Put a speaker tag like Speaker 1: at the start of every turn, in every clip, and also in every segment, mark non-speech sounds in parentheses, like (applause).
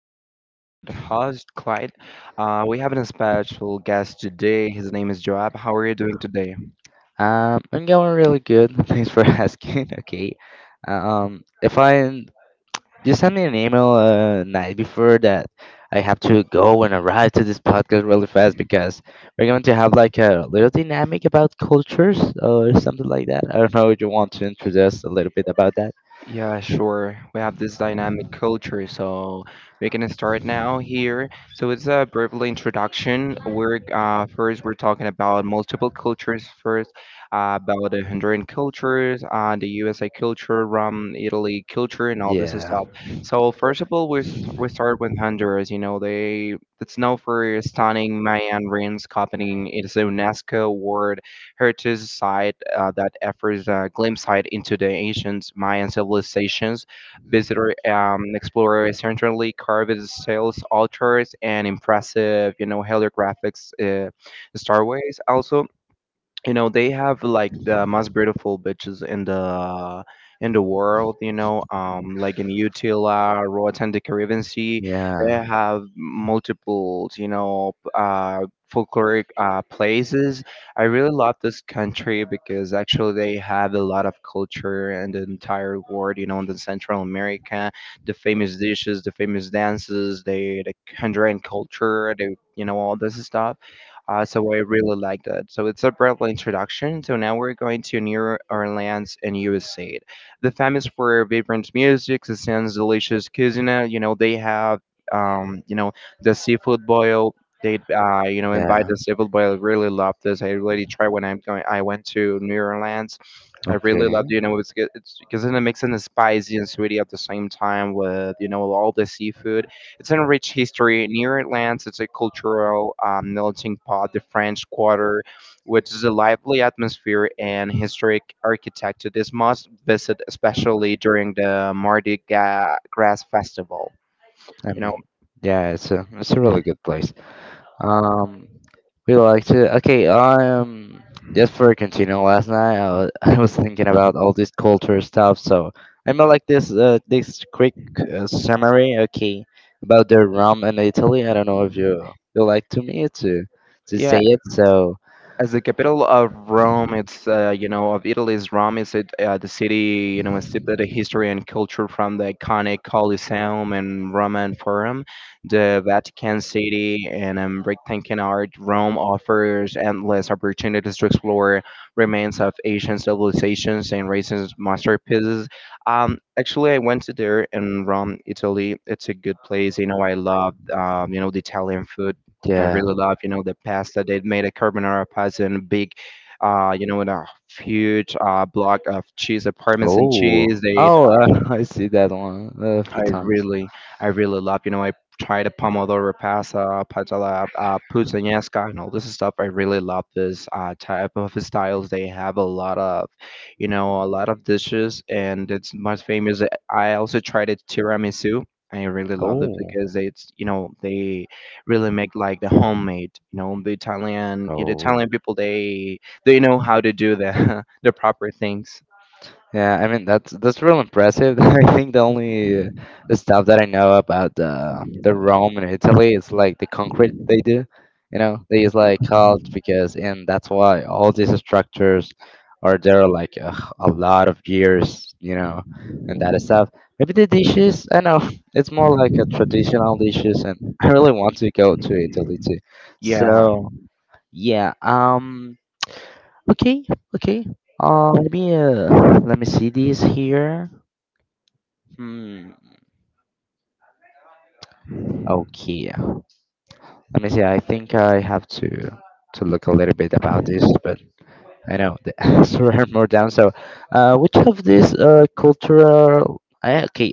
Speaker 1: This is your favorite host, Clyde. We have a special guest today. His name is Joab. How are you doing today?
Speaker 2: I'm going really good. (laughs) Thanks for asking. (laughs) Okay. If I You send me an email night before that, I have to go and arrive to this podcast really fast because we're going to have like a little dynamic about cultures or something like that. I don't know if you want to introduce a little bit about that.
Speaker 1: Yeah, sure. We have this dynamic culture, so we can start now here. So it's a brief introduction. We're first we're talking about multiple cultures first, about the Honduran cultures, the USA culture, from Italy culture, and all this
Speaker 2: Yeah.
Speaker 1: stuff. So first of all, we start with Honduras. They it's known for stunning Mayan ruins, copying its UNESCO World heritage site that offers a glimpse site into the ancient Mayan civilizations. Visitor explorer centrally carved sales altars and impressive heliographics starways also. They have like the most beautiful bitches in the world, like in Utila, Roatan and the Caribbean Sea. They
Speaker 2: Yeah.
Speaker 1: have multiple, folkloric places. I really love this country because actually they have a lot of culture in the entire world, in the Central America. The famous dishes, the famous dances, they, the Honduran culture, the you know all this stuff. So I really like that. So it's a brief introduction. So now we're going to New Orleans in USA. The famous for vibrant music, the sounds delicious cuisine. They have, um, you know the seafood boil. They invite
Speaker 2: Yeah.
Speaker 1: the seafood boil. I really love this. I really try when I'm going. I went to New Orleans. I
Speaker 2: Okay.
Speaker 1: really loved it's because it's 'cause then it makes it spicy and sweety at the same time with all the seafood. It's a rich history. Near it lands, it's a cultural melting pot, the French Quarter, which is a lively atmosphere and historic architecture. This must visit, especially during the Mardi Gras Festival.
Speaker 2: I
Speaker 1: You know,
Speaker 2: mean, yeah, it's a really good place. Um, we like to. Okay, just for continuing last night, (laughs) I was thinking about all this culture stuff. So I made like this quick summary. Okay, about the Rome and Italy. I don't know if you like to me to say
Speaker 1: yeah,
Speaker 2: it. So
Speaker 1: As the capital of Rome, it's of Italy's, Rome is it the city steeped in history and culture from the iconic Colosseum and Roman Forum, the Vatican City, and breathtaking art. Rome offers endless opportunities to explore remains of ancient civilizations and recent masterpieces. Actually, I went to there in Rome, Italy. It's a good place. I love the Italian food. I
Speaker 2: yeah.
Speaker 1: really love the pasta. They made a carbonara pasta in a big, you know, in a huge block of cheese, a parmesan cheese.
Speaker 2: Oh, (laughs) I see that one a
Speaker 1: I
Speaker 2: few times.
Speaker 1: really, I really love I tried a Pomodoro Pasta, Patella, Puttanesca, and all this stuff. I really love this type of styles. They have a lot of a lot of dishes, and it's most famous. I also tried it tiramisu. I really love it
Speaker 2: Oh,
Speaker 1: because it's they really make like the homemade, the Italian, the
Speaker 2: oh,
Speaker 1: Italian people, they know how to do the, (laughs) the proper things.
Speaker 2: yeah, I mean that's real impressive. (laughs) I think the only stuff that I know about the Rome in Italy is like the concrete they do. You know, they use like called because and that's why all these structures are there like a lot of years. You know, and that stuff. Maybe the dishes. I know it's more like a traditional dishes, and I really want to go to Italy too.
Speaker 1: Yeah,
Speaker 2: So yeah. Okay, okay. Uh, let me uh, Let me see this here. Hmm. Okay. Let me see. I think I have to look a little bit about this, but I know the (laughs) answer are more down. So, which of these cultural? Okay,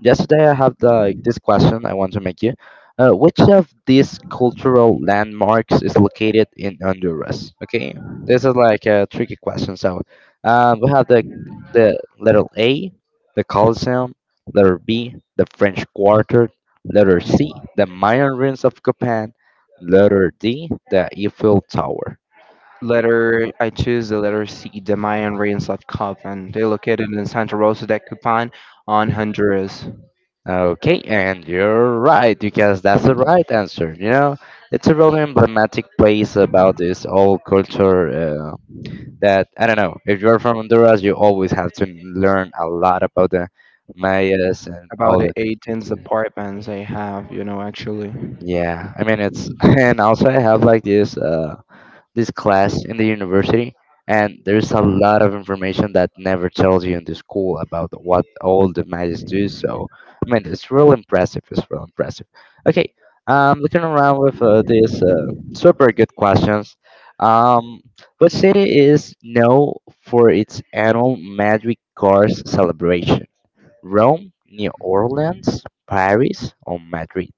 Speaker 2: yesterday, I have like this question I want to make you. Which of these cultural landmarks is located in Honduras? Okay, this is like a tricky question. So, we have the letter A, the Coliseum. Letter B, the French Quarter. Letter C, the Mayan ruins of Copan. Letter D, the Eiffel Tower.
Speaker 1: letter I choose the letter C, the Mayan ruins of Copan. They're located in Santa Rosa de Copan on Honduras.
Speaker 2: Okay, and you're right because that's the right answer. You know, it's a really emblematic place about this old culture. That I don't know. If you're from Honduras, you always have to learn a lot about the Mayas and
Speaker 1: About
Speaker 2: all
Speaker 1: the
Speaker 2: the things.
Speaker 1: 18 departments they have actually.
Speaker 2: Yeah, I mean it's. (laughs) And also I have like this. This class in the university, and there's a lot of information that never tells you in the school about what all the magics do. So, I mean, it's real impressive. It's real impressive. Okay, looking around with these super good questions. Um, what city is known for its annual Magic Cars celebration? Rome, New Orleans, Paris, or Madrid?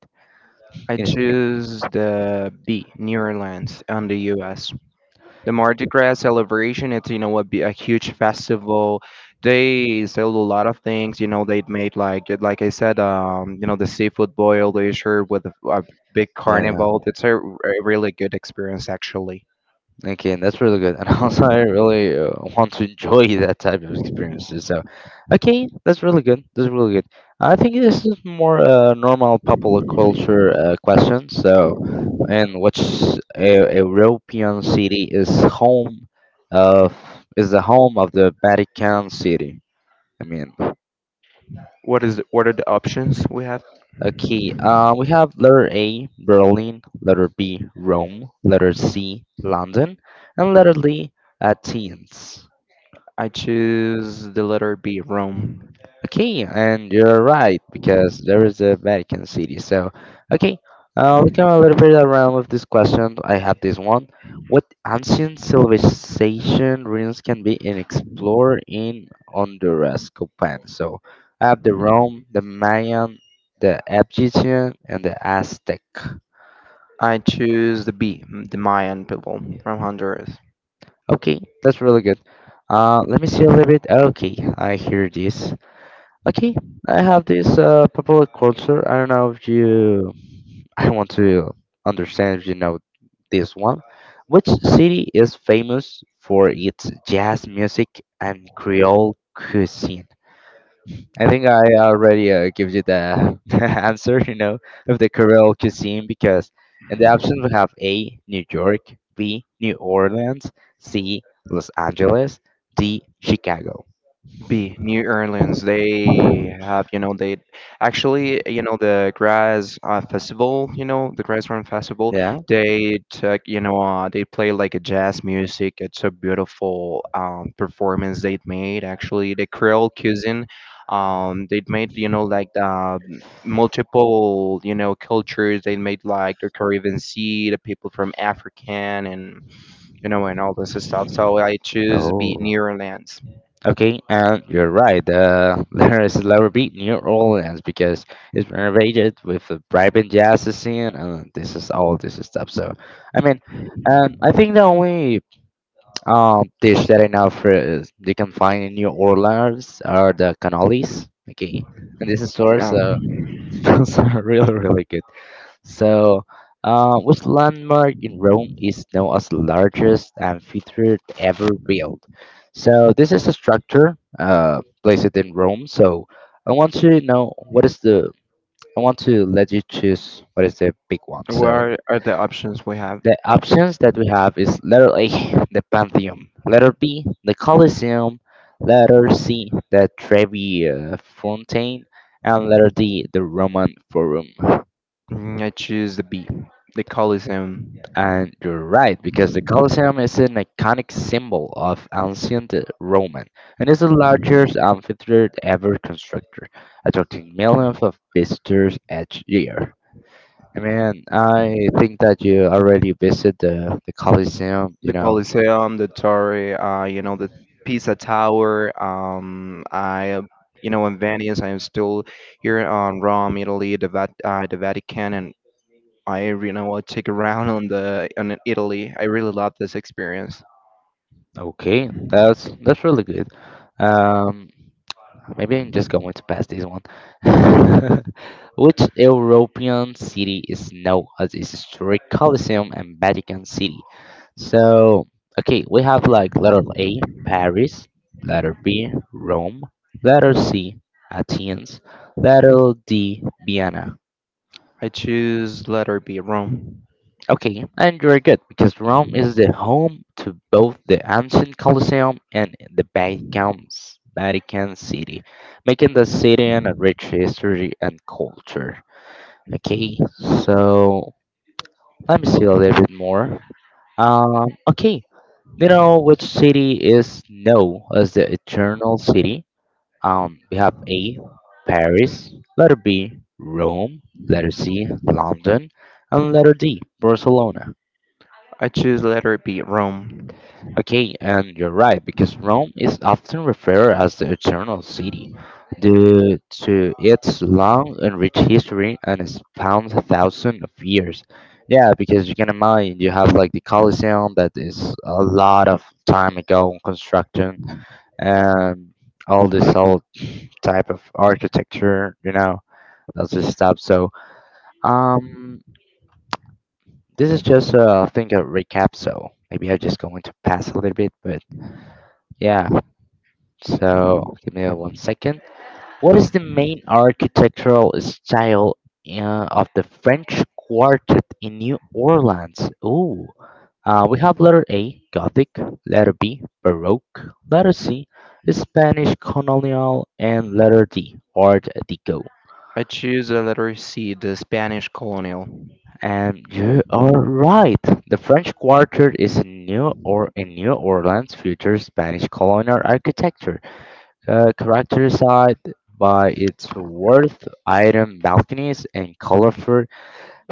Speaker 1: I
Speaker 2: In Spain.
Speaker 1: choose the B, Nearlands on the US. The Mardi Gras celebration, it's a huge festival. They sell a lot of things, they made like I said, the seafood boil they serve with a big
Speaker 2: Yeah.
Speaker 1: carnival. It's a really good experience, actually.
Speaker 2: Okay, and that's really good. And (laughs) also, I really want to enjoy (laughs) that type of experiences. So, okay, that's really good. That's really good. I think this is more normal popular culture question. So, and which a European city of is the home of the Vatican City? I mean,
Speaker 1: What are the options we have?
Speaker 2: okay. We have letter A, Berlin. Letter B, Rome. Letter C, London. And letter D, Athens.
Speaker 1: I choose the letter B, Rome.
Speaker 2: Okay, and you're right because there is a Vatican City. So, okay, we come a little bit around with this question. I have this one. What ancient civilization ruins can be in explored in Honduras, Copan? So, I have the Rome, the Mayan, the Egyptian, and the Aztec.
Speaker 1: I choose the B, the Mayan people from Honduras.
Speaker 2: Okay, that's really good. Let me see a little bit. Okay, I hear this. Okay, I have this popular culture. I don't know if you I want to understand, if you know, this one. Which city is famous for its jazz music and Creole cuisine? I think I already give you (laughs) the answer, you know, of the Creole cuisine because in the options we have A, New York, B, New Orleans, C, Los Angeles, D, Chicago.
Speaker 1: B, New Orleans. They have they actually the Grass Festival, the Grass Run Festival.
Speaker 2: Yeah.
Speaker 1: They play like a jazz music. It's a beautiful performance they made. Actually, the Creole cuisine. They made like multiple, cultures. They made like the Caribbean Sea, the people from African, and and all this stuff. So I choose B,
Speaker 2: Oh.
Speaker 1: New Orleans.
Speaker 2: Okay, and you're right. (laughs) There is Lower Beat, New Orleans, because it's renovated with a vibrant jazz scene, and this is all this stuff. So, I mean, I think the only dish that I know for is you can find in New Orleans are the cannolis. Okay, and this is source.
Speaker 1: Yeah.
Speaker 2: So (laughs) those are really really good. So, which landmark in Rome is known as the largest amphitheater ever built? So, this is a structure placed in Rome. So, I want to know what is the. I want to let you choose what is the big one.
Speaker 1: What
Speaker 2: So,
Speaker 1: are, are the options we have?
Speaker 2: the options that we have is letter A, the Pantheon, letter B, the Colosseum, letter C, the Trevi Fountain, and letter D, the Roman Forum.
Speaker 1: I choose the B, the Coliseum.
Speaker 2: And you're right, because the Colosseum is an iconic symbol of ancient Roman and is the largest amphitheater ever constructed, attracting millions of visitors each year. I mean, I think that you already visited the Colosseum, you
Speaker 1: The
Speaker 2: know.
Speaker 1: Coliseum, the Torre, the Pisa Tower. In Venice, I am still here on Rome, Italy, the Vatican, and I take around on the on Italy. I really love this experience.
Speaker 2: Okay, that's really good. Um, Maybe I'm just going to pass this one. (laughs) Which European city is known as its historic Colosseum and Vatican City? So, okay, we have like letter A, Paris, letter B, Rome, letter C, Athens, letter D, Vienna.
Speaker 1: I choose letter B, Rome.
Speaker 2: Okay, and you're good because Rome is the home to both the ancient Colosseum and the Vatican's Vatican City, making the city an a rich history and culture. Okay, so let me see a little bit more. Okay, you know which city is known as the Eternal City? We have A, Paris, letter B, Rome, letter C, London, and letter D, Barcelona.
Speaker 1: I choose letter B, Rome.
Speaker 2: Okay, and you're right, because Rome is often referred as the Eternal City due to its long and rich history and its spans thousands of years. Yeah, because you can imagine you have like the Colosseum that is a lot of time ago in construction and all this old type of architecture, you know, that's this stuff. So, um, this is just I think a recap. So maybe I'm just going to pass a little bit, but yeah. So give me one second. What is the main architectural style of the French Quartet in New Orleans? Ooh, we have letter A, Gothic, letter B, Baroque, letter C, Spanish Colonial, and letter D, Art Deco.
Speaker 1: I choose the letter C, the Spanish colonial.
Speaker 2: And you are right. The French Quarter is a new or in New Orleans future Spanish colonial architecture, characterized by its worth item balconies and colorful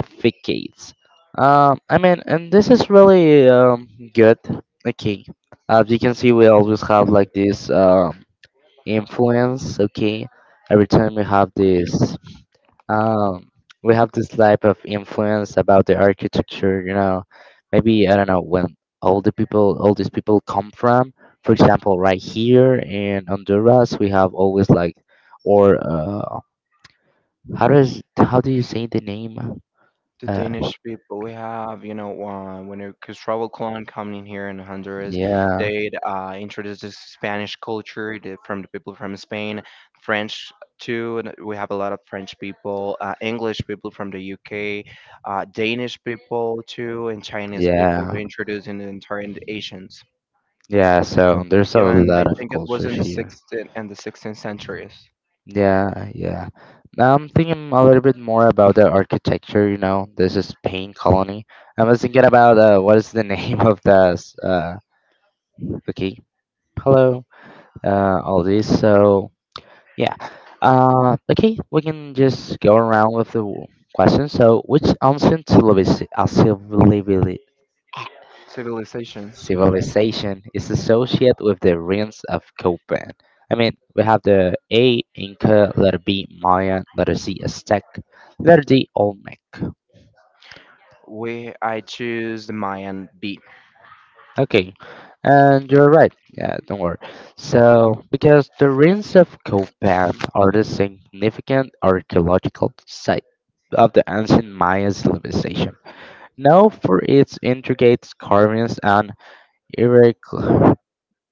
Speaker 2: facades. I mean, and this is really good. Okay, as you can see, we always have like this. Influence. Okay, every time um we have this type of influence about the architecture, you know, maybe I don't know when all these people come from. For example, right here in Honduras we have always like, or how do you say the name.
Speaker 1: The
Speaker 2: uh
Speaker 1: Danish people we have, when it Cristobal Colon coming here in Honduras,
Speaker 2: yeah,
Speaker 1: they introduced the Spanish culture, from the people from Spain, French too, and we have a lot of French people, English people from the UK, Danish people too, and Chinese people.
Speaker 2: yeah,
Speaker 1: They're introducing the entire and the Asians.
Speaker 2: yeah, so there's a
Speaker 1: Yeah, and
Speaker 2: lot
Speaker 1: I
Speaker 2: of
Speaker 1: think it was
Speaker 2: cultures
Speaker 1: in the
Speaker 2: here.
Speaker 1: 16th and the 16th centuries
Speaker 2: Yeah, yeah. I'm thinking a little bit more about the architecture, you know. This is Pain Colony. I was thinking about what is the (laughs) name of this. Okay. Hello. All this. So yeah. Okay, we can just go around with questions. So which ancient civiliz- uh, civili-
Speaker 1: civilizations.
Speaker 2: Civilization is associated with the ruins of Copan. I mean, we have the A, Inca, letter B, Mayan, letter C, Aztec, letter D, Olmec.
Speaker 1: We I choose the Mayan B.
Speaker 2: Okay, and you're right. Yeah, don't worry. So, because the ruins of Copan are the significant archaeological site of the ancient Mayan civilization, known for its intricate carvings and hieroglyphs.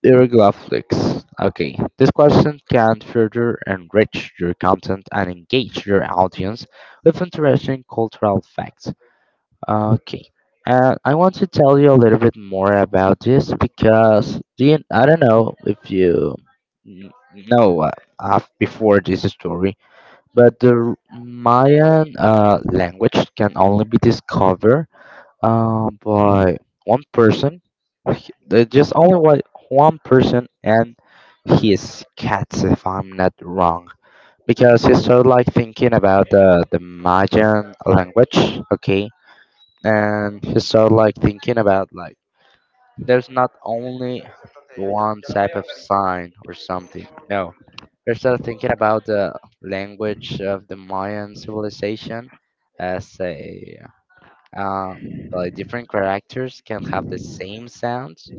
Speaker 2: Hieroglyphics. Okay, this question can further enrich your content and engage your audience with interesting cultural facts. Okay, and I want to tell you a little bit more about this because I don't know if you know before this story, but the Mayan language can only be discovered but one person, there just only one person, and his cats if I'm not wrong, because he started like thinking about the Mayan language, okay, and he started like thinking about like there's not only one type of sign or something. No, he started thinking about the language of the Mayan civilization as a uh, like different characters can have the same sounds,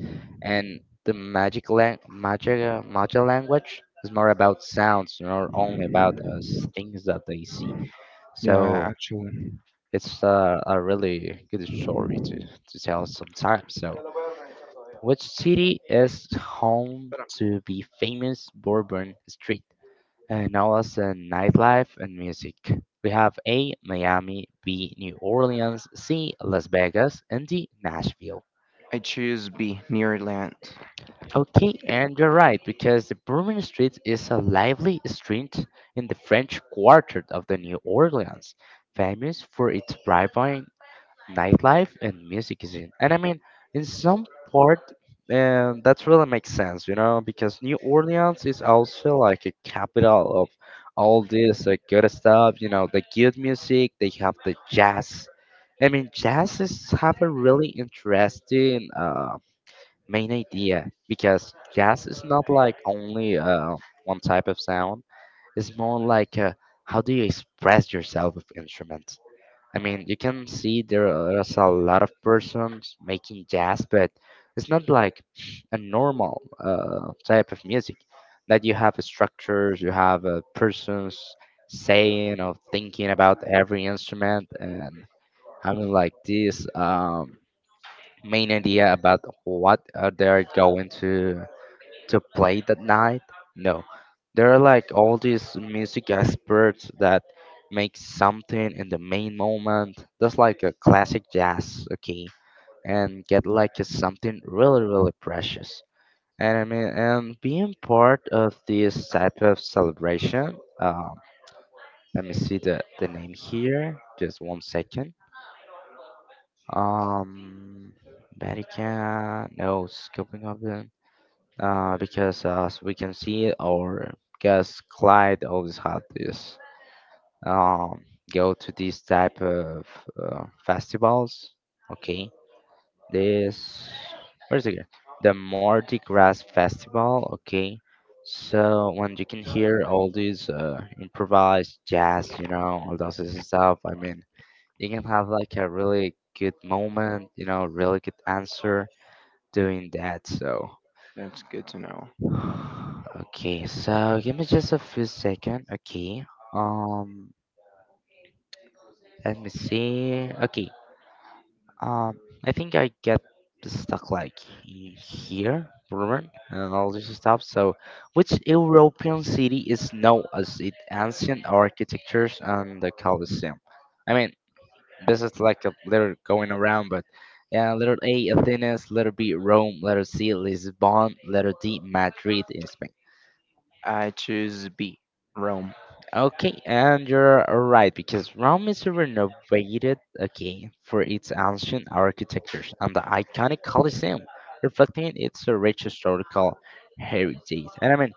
Speaker 2: and the magic language is more about sounds, not only about things that they see.
Speaker 1: Yeah,
Speaker 2: So
Speaker 1: actually,
Speaker 2: it's a really good story to tell sometimes. So, which city is home to the famous Bourbon Street? And now us in nightlife and music. We have A, Miami, B, New Orleans, C, Las Vegas, and D, Nashville.
Speaker 1: I choose B, near land.
Speaker 2: Okay, and you're right, because the Bourbon Street is a lively street in the French Quarter of the New Orleans, famous for its vibrant nightlife and music is in. And I mean, in some part, and that's really makes sense, you know, because New Orleans is also like a capital of all this like, good stuff. You know, the good music. They have the jazz. I mean, jazz is have a really interesting main idea because jazz is not like only one type of sound. It's more like how do you express yourself with instruments. I mean, you can see there are a lot of persons making jazz, but it's not like a normal type of music that you have structures, you have persons saying or thinking about every instrument, and having like this main idea about what they are going to play that night? No. There are like all these music experts that make something in the main moment, just like a classic jazz, okay, and get like a something really, really precious. And being part of this type of celebration, let me see the name here, just one second. Um, Vatican, no, scoping up. Because as we can see, our guest Clyde always had this um, go to these type of festivals. Okay, this where's it again? The Mardi Gras Festival. Okay, so when you can hear all these improvised jazz, you know, all those stuff. I mean, you can have like a really good moment, you know, really good answer doing that. So.
Speaker 1: That's good to know.
Speaker 2: (sighs) Okay, so give me just a few seconds. Okay. Um, Let me see. Okay. Um, I think I get stuck like in here, Roman, and all this stuff. So, which European city is known as its ancient architectures and the Colosseum? I mean, this is like a letter going around, but yeah, letter A, Athens, letter B, Rome, letter C, Lisbon, letter D, Madrid in Spain.
Speaker 1: I choose B, Rome.
Speaker 2: Okay, and you're right because Rome is renovated again for its ancient architecture and the iconic Colosseum, reflecting its rich historical heritage. And I mean,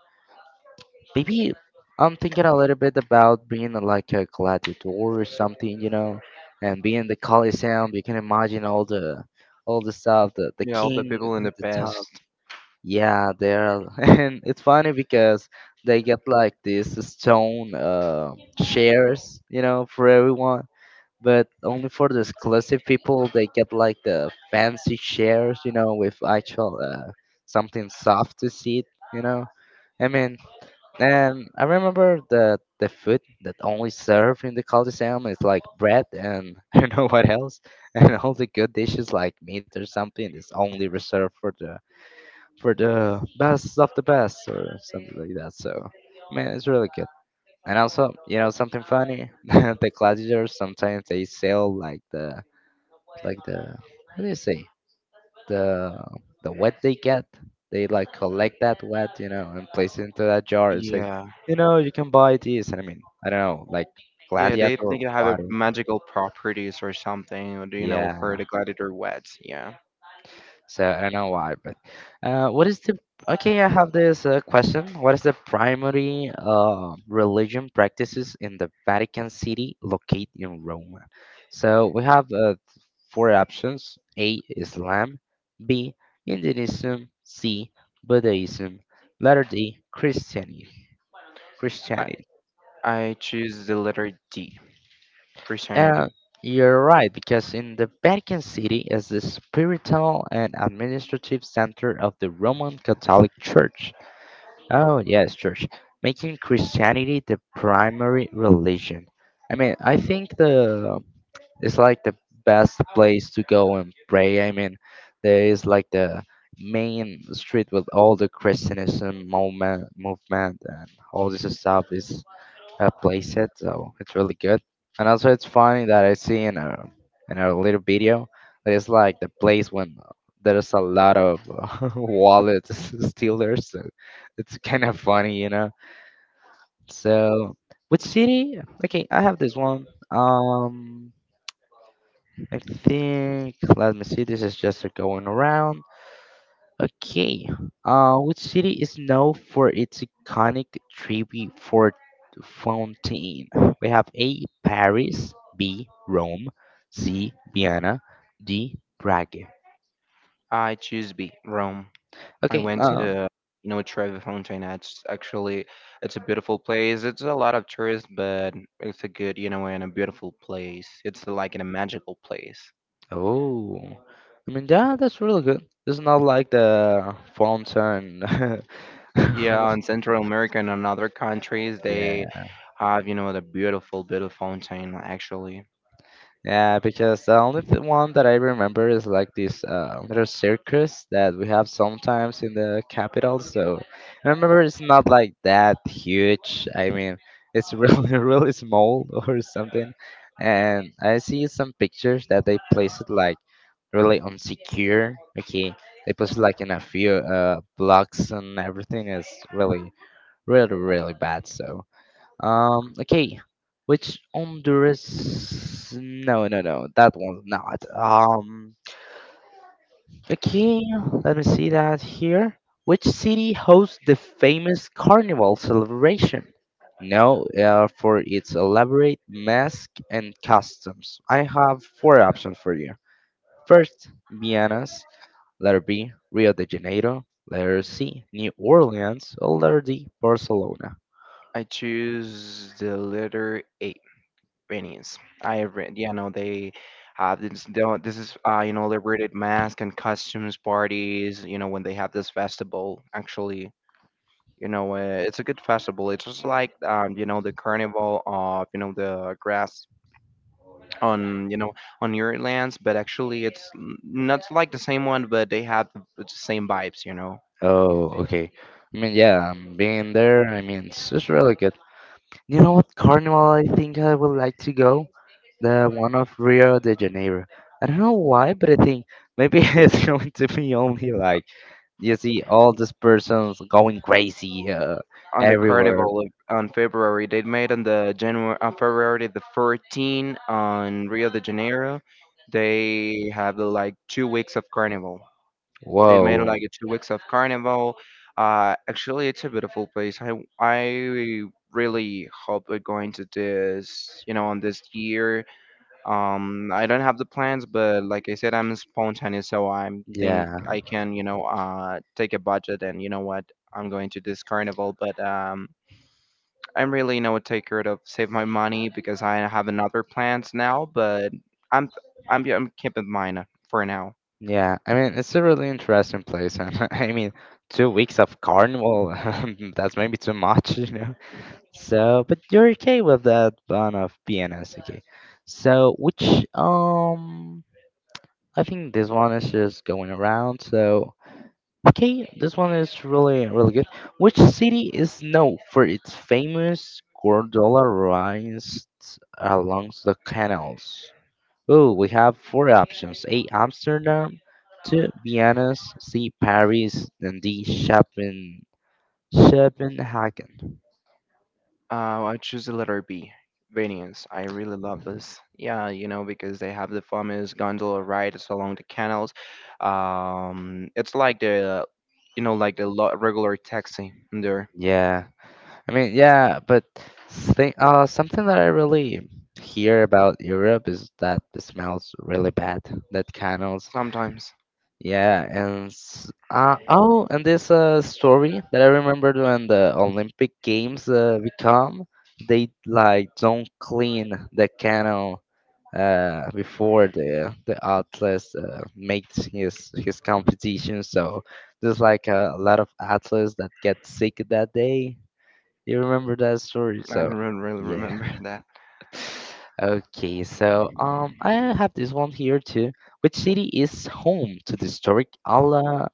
Speaker 2: maybe I'm thinking a little bit about being like a gladiator or something, you know, and being the Colosseum. You can imagine all the stuff, the
Speaker 1: Yeah, all the
Speaker 2: king
Speaker 1: people in
Speaker 2: at
Speaker 1: the
Speaker 2: the top.
Speaker 1: past.
Speaker 2: Yeah, there are, (laughs) and it's funny because they get like these stone shares, you know, for everyone, but only for the exclusive people. They get like the fancy shares, you know, with actual something soft to sit, you know. I mean, and I remember that the food that only served in the Coliseum is like bread and (laughs) I don't know what else, and all the good dishes like meat or something is only reserved for the best of the best or something like that. So, man, it's really good. And also, you know, something funny, (laughs) the gladiators sometimes they sell like the what do you say the the what they get. They like collect that wet, you know, and place it into that jar. It's like,
Speaker 1: Yeah,
Speaker 2: you know, you can buy this. And I mean, I don't know, like
Speaker 1: yeah, they
Speaker 2: gladiator
Speaker 1: think they have a
Speaker 2: water.
Speaker 1: magical properties or something, or do you know, for
Speaker 2: Yeah,
Speaker 1: the gladiator wets. Yeah,
Speaker 2: so I don't know why, but what is the okay? I have this question. What is the primary religion practices in the Vatican City located in Rome? So we have four options: A. Islam, B. Hinduism, C. Buddhism, letter D. Christianity. Christianity.
Speaker 1: I choose the letter D, Christianity.
Speaker 2: Uh, you're right because in the Vatican City is the spiritual and administrative center of the Roman Catholic Church. Oh, yes, church. Making Christianity the primary religion. I mean, I think the it's like the best place to go and pray. I mean, there is like the main street with all the Christianism moment, movement and all this stuff is plays it, so it's really good. And also, it's funny that I see in a little video that it's like the place when there's a lot of (laughs) wallet (laughs) stealers. So it's kind of funny, you know. So, which city? Okay, I have this one. I think. Let me see. This is just a going around. Okay. Which city is known for its iconic Trevi Fort Fountain? We have A. Paris, B. Rome, C. Vienna, D. Prague.
Speaker 1: I choose B, Rome. I
Speaker 2: Okay.
Speaker 1: went to Trevi Fontana. It's actually, it's a beautiful place. It's a lot of tourists, but it's a good, and a beautiful place. It's like in a magical place.
Speaker 2: Oh, I mean that that's really good. It's not like the fountain. (laughs)
Speaker 1: Yeah, in Central America and in other countries, they
Speaker 2: Yeah.
Speaker 1: have the beautiful, beautiful fountain, actually.
Speaker 2: Yeah, because the only one that I remember is like this little circus that we have sometimes in the capital. So I remember it's not like that huge. I mean, it's really, (laughs) really small or something. And I see some pictures that they place it like really unsecure. Okay, they put like in a few blocks and everything is really, really, really bad. So. Okay, which Honduras? No, no, no, that one's not. Okay, let me see that here. Which city hosts the famous Carnival celebration? No, for its elaborate mask and customs. I have four options for you. First, Mianas. Letter B, Rio de Janeiro. Letter C, New Orleans. Or letter D, Barcelona.
Speaker 1: I choose the letter A, Iranians. I, they have this. They don't- This is liberated mask and costumes parties. When they have this festival, actually, it's a good festival. It's just like the carnival of the grass on, you know, on your lands, but actually, it's not like the same one, but they have the same vibes. You know.
Speaker 2: Oh, okay. I mean, yeah, I being there. I mean, it's just really good. You know what carnival I think I would like to go? The one of Rio de Janeiro. I don't know why, but I think maybe (laughs) it's going to be only like you see all these persons going crazy
Speaker 1: On the
Speaker 2: everywhere.
Speaker 1: carnival of, on February. They made on the January on February the 14th on Rio de Janeiro. They have like 2 weeks of carnival. They made
Speaker 2: Whoa.
Speaker 1: like 2 weeks of carnival. Actually, it's a beautiful place. I really hope we're going to this on this year. I don't have the plans, but like I said, I'm spontaneous, so I think
Speaker 2: Yeah,
Speaker 1: I can take a budget and you know what, I'm going to this carnival, but I'm really no taker to save my money because I have another plans now, but I'm I'm keeping mine for now.
Speaker 2: yeah. I mean, it's a really interesting place. And (laughs) I mean, two weeks of carnival, (laughs) that's maybe too much, (laughs) you know? So, but you're okay with that one of BNS, okay? So, which I think this one is just going around. So, okay, this one is really really good. Which city is known for its famous gondola rides along the canals? Oh, we have four options: A. Amsterdam, two Vienna, C. Paris, and D. Copenhagen.
Speaker 1: I choose the letter B, Venice. I really love this. Yeah, because they have the famous gondola rides along the canals. It's like the you know like the lo- regular taxi there
Speaker 2: Yeah. I mean, yeah, but thing, something that I really hear about Europe is that it smells really bad, that candles.
Speaker 1: sometimes.
Speaker 2: Yeah, and oh, and this story that I remembered when the Olympic Games become, they like don't clean the canal before the atlas makes his competition. So there's like a lot of athletes that get sick that day you remember that story,
Speaker 1: I don't
Speaker 2: so
Speaker 1: really
Speaker 2: yeah.
Speaker 1: remember (laughs) that.
Speaker 2: (laughs) Okay, so I have this one here too. Which city is home to the historic Ala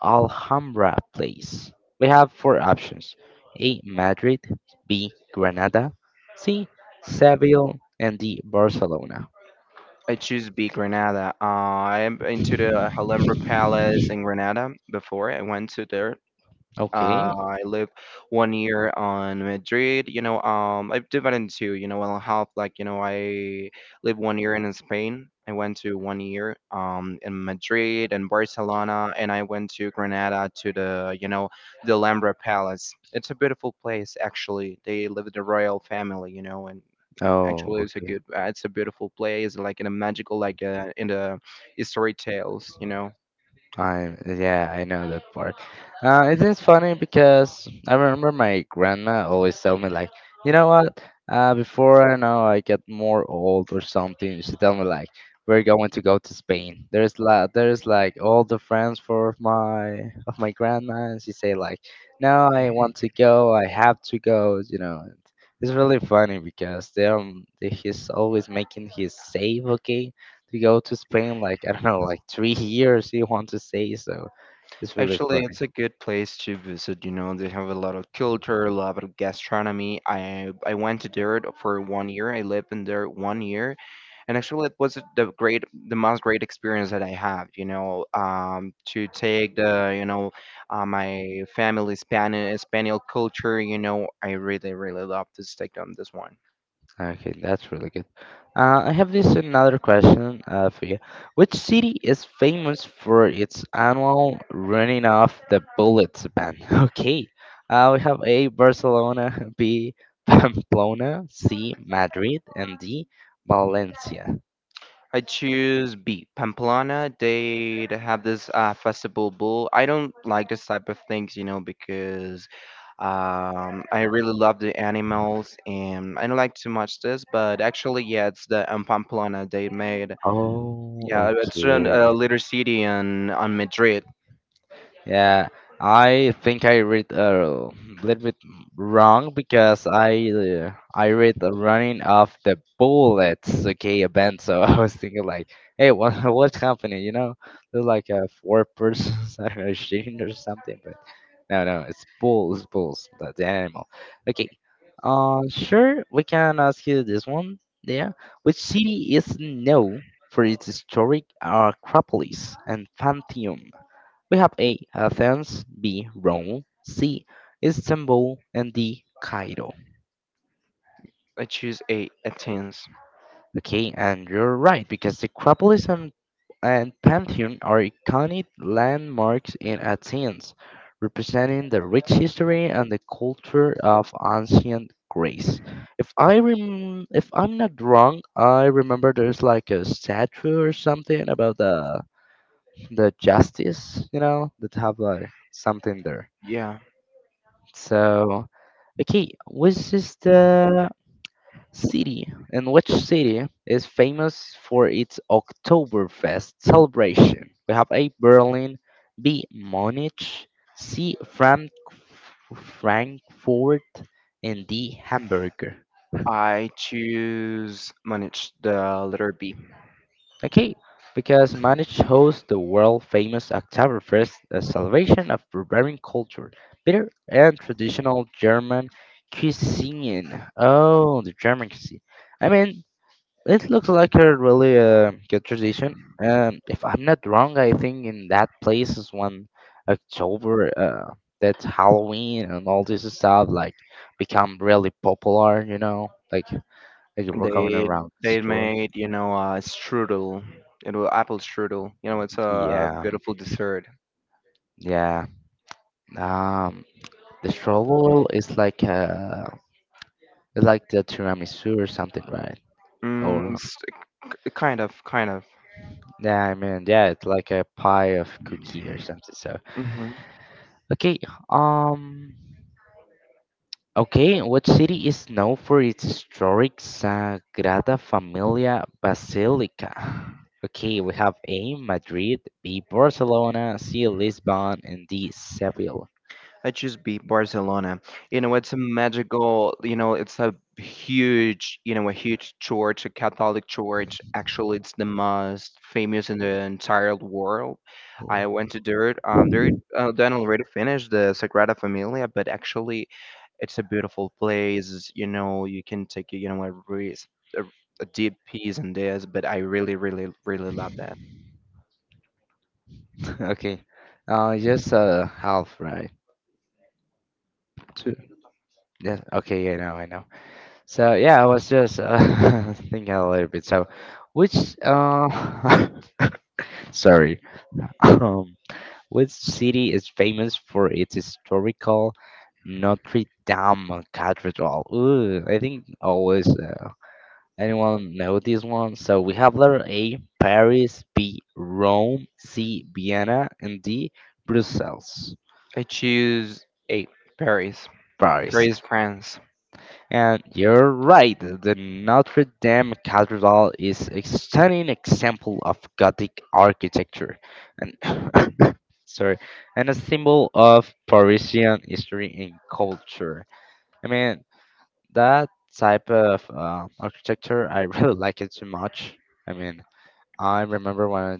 Speaker 2: Alhambra place? We have four options: A. Madrid, B. Granada, C. Seville, and D. Barcelona.
Speaker 1: I choose B Granada. I am into the Alhambra Palace in Granada before. I went to there.
Speaker 2: Okay.
Speaker 1: I lived one year on Madrid. I've divided into, well, half I lived one year in Spain. I went to one year in Madrid and Barcelona, and I went to Granada to the Alhambra Palace. It's a beautiful place, actually. They live the royal family, and
Speaker 2: Oh,
Speaker 1: actually it's a
Speaker 2: okay.
Speaker 1: good, uh, it's a beautiful place, like in a magical, in the story tales, you know.
Speaker 2: I yeah, I know that part. It is funny because I remember my grandma always tell me like, you know what? Before I know I get more old or something, she tell me like, we're going to go to Spain. There's la there's like all the friends for my of my grandma, and she say like, no, I want to go, I have to go, you know. And it's really funny because they he's always making his save, okay? To go to Spain like I don't know, like three years you want to stay, so it's really
Speaker 1: Actually, it's
Speaker 2: funny.
Speaker 1: a good place to visit. They have a lot of culture, a lot of gastronomy. I went to there for one year. I lived in there one year, and actually, it was the most great experience that I have. To take my family Spanish Spaniel culture. I really really love to take on this one.
Speaker 2: Okay, that's really good. I have this another question for you. Which city is famous for its annual running off the bullets event? (laughs) Okay, we have A Barcelona, B (laughs) Pamplona, C Madrid, and D Valencia.
Speaker 1: I choose B. Pamplona. They have this festival bull. I don't like this type of things, because I really love the animals, and I don't like too much this, but actually, yeah, it's the Pamplona they made.
Speaker 2: Oh,
Speaker 1: Yeah, it's in
Speaker 2: okay.
Speaker 1: a little city in on Madrid.
Speaker 2: Yeah, I think I read a little bit wrong because I read the running of the bullets, okay, event. (laughs) So I was thinking like, hey, what (laughs) what's happening? You know, there's like a four persons (laughs) I don't know shooting or something, but no, no, it's bulls, bulls, the animal. Okay, sure, we can ask you this one. Yeah, which city is known for its historic Acropolis and Pantheon? We have A. Athens, B. Rome, C. Istanbul, and D. Cairo.
Speaker 1: I choose A Athens.
Speaker 2: Okay, and you're right because the Acropolis and Pantheon are iconic landmarks in Athens, representing the rich history and the culture of ancient Greece. If I if I'm not wrong, I remember there's like a statue or something about the justice, you know, that have like something there.
Speaker 1: Yeah,
Speaker 2: So, okay, which is the city and which city is famous for its Oktoberfest celebration? We have A. Berlin, B. Munich, C. Frankfurt, and D. Hamburg.
Speaker 1: I choose manage the letter B.
Speaker 2: Okay, because Manage hosts the world famous Oktoberfest, a celebration of Bavarian culture, bitter and traditional German cuisine. Oh, the German cuisine. I mean, it looks like a really good tradition. If I'm not wrong, I think in that place is when October, that's Halloween and all this stuff, like become really popular, you know, like we're coming
Speaker 1: They
Speaker 2: around the
Speaker 1: they
Speaker 2: store.
Speaker 1: made a strudel, apple strudel. It's a
Speaker 2: Yeah,
Speaker 1: beautiful dessert.
Speaker 2: yeah. Um, the strobel is like a it's like the tiramisu or something, right?
Speaker 1: Mm,
Speaker 2: Or
Speaker 1: s- Kind of, kind of.
Speaker 2: yeah, I mean, yeah, it's like a pie of cookie or something. So
Speaker 1: Mm-hmm.
Speaker 2: okay, um, okay, what city is known for its historic Sagrada Familia Basilica? Okay, we have A Madrid, B Barcelona, C Lisbon, and D Seville.
Speaker 1: I choose B Barcelona. It's a magical, it's a huge, a huge church, a Catholic church. Actually, it's the most famous in the entire world. I went to there. There, then already finished the Sagrada Familia, but actually, it's a beautiful place. You can take, a, a deep peace in this, but I really, really, really love that.
Speaker 2: (laughs) Okay, just half right. Two. Yeah, okay, I know, I know. So yeah, I was just (laughs) thinking a little bit. So, which (laughs) sorry, (laughs) um, which city is famous for its historical Notre Dame Cathedral? Ooh, I think always anyone know this one. So we have letter A, Paris, B, Rome, C, Vienna, and D, Brussels.
Speaker 1: I choose A, Paris.
Speaker 2: Paris.
Speaker 1: Paris, France.
Speaker 2: And you're right, the Notre Dame Cathedral is a stunning example of Gothic architecture. And (coughs) sorry, and a symbol of Parisian history and culture. I mean, that type of architecture, I (laughs) really like it too much. I mean, I remember when I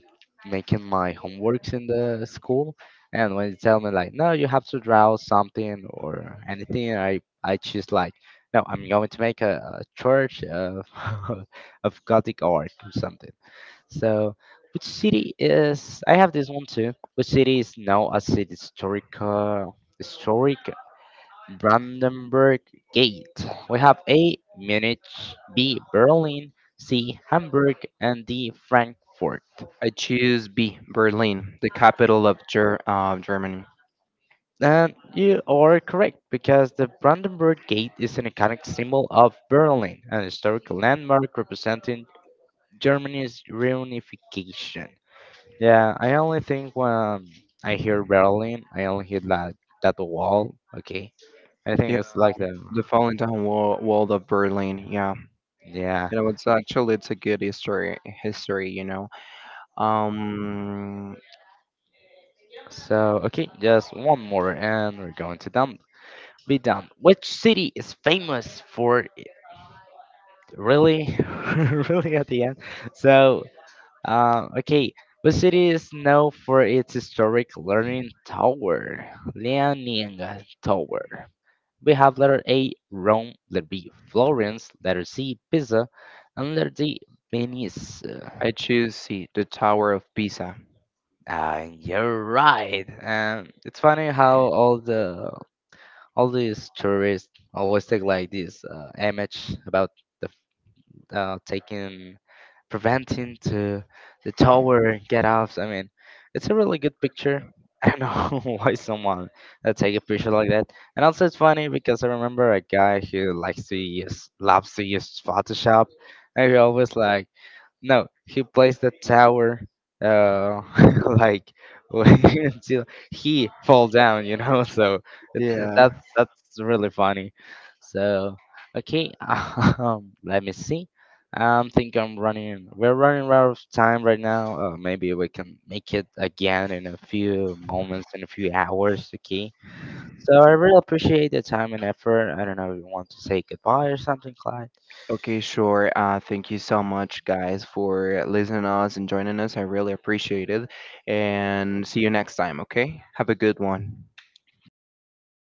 Speaker 2: making my homeworks in the school, and when they tell me like, no, you have to draw something or anything, I choose like, no, I'm going to make a church of (laughs) of Gothic art or something. So, which city is? I have this one too. Which city is now as the historic historic Brandenburg Gate? We have A. Munich, B. Berlin, C. Hamburg, and D. Frankfurt.
Speaker 1: I choose B, Berlin, the capital of Germany.
Speaker 2: And you are correct because the Brandenburg Gate is an iconic symbol of Berlin, an historical landmark representing Germany's reunification. Yeah, I only think when I hear Berlin, I only hear that that wall. Okay, I
Speaker 1: Yeah,
Speaker 2: think it's like the
Speaker 1: the falling down wall of Berlin. Yeah,
Speaker 2: yeah.
Speaker 1: it was actually it's a good history. History. Um,
Speaker 2: So okay, just one more, and we're going to done. Be done. Which city is famous for it? Really, (laughs) really at the end? So okay, what city is known for its historic Leaning Tower? We have letter A, Rome, letter B, Florence, letter C, Pisa, and letter D, Venice.
Speaker 1: I choose C, the Tower of Pisa.
Speaker 2: You're right. And it's funny how all the all these tourists always take like this image about the taking preventing to the tower get off. I mean, it's a really good picture. (laughs) I don't know (laughs) why someone take a picture like that. And also, it's funny because I remember a guy who likes to use, loves to use Photoshop, and he always like no, he plays the tower uh (laughs) like (laughs) until he fall down, you know. (laughs) So it's that's
Speaker 1: Yeah.
Speaker 2: that's really funny. So okay, (laughs) let me see. Think I'm running. We're running out of time right now. Maybe we can make it again in a few moments, in a few hours. Okay. So I really appreciate the time and effort. I don't know if you want to say goodbye or something, Clyde.
Speaker 1: Okay, sure. Thank you so much, guys, for listening to us and joining us. I really appreciate it. And see you next time. Okay, have a good one.
Speaker 2: Bye bye.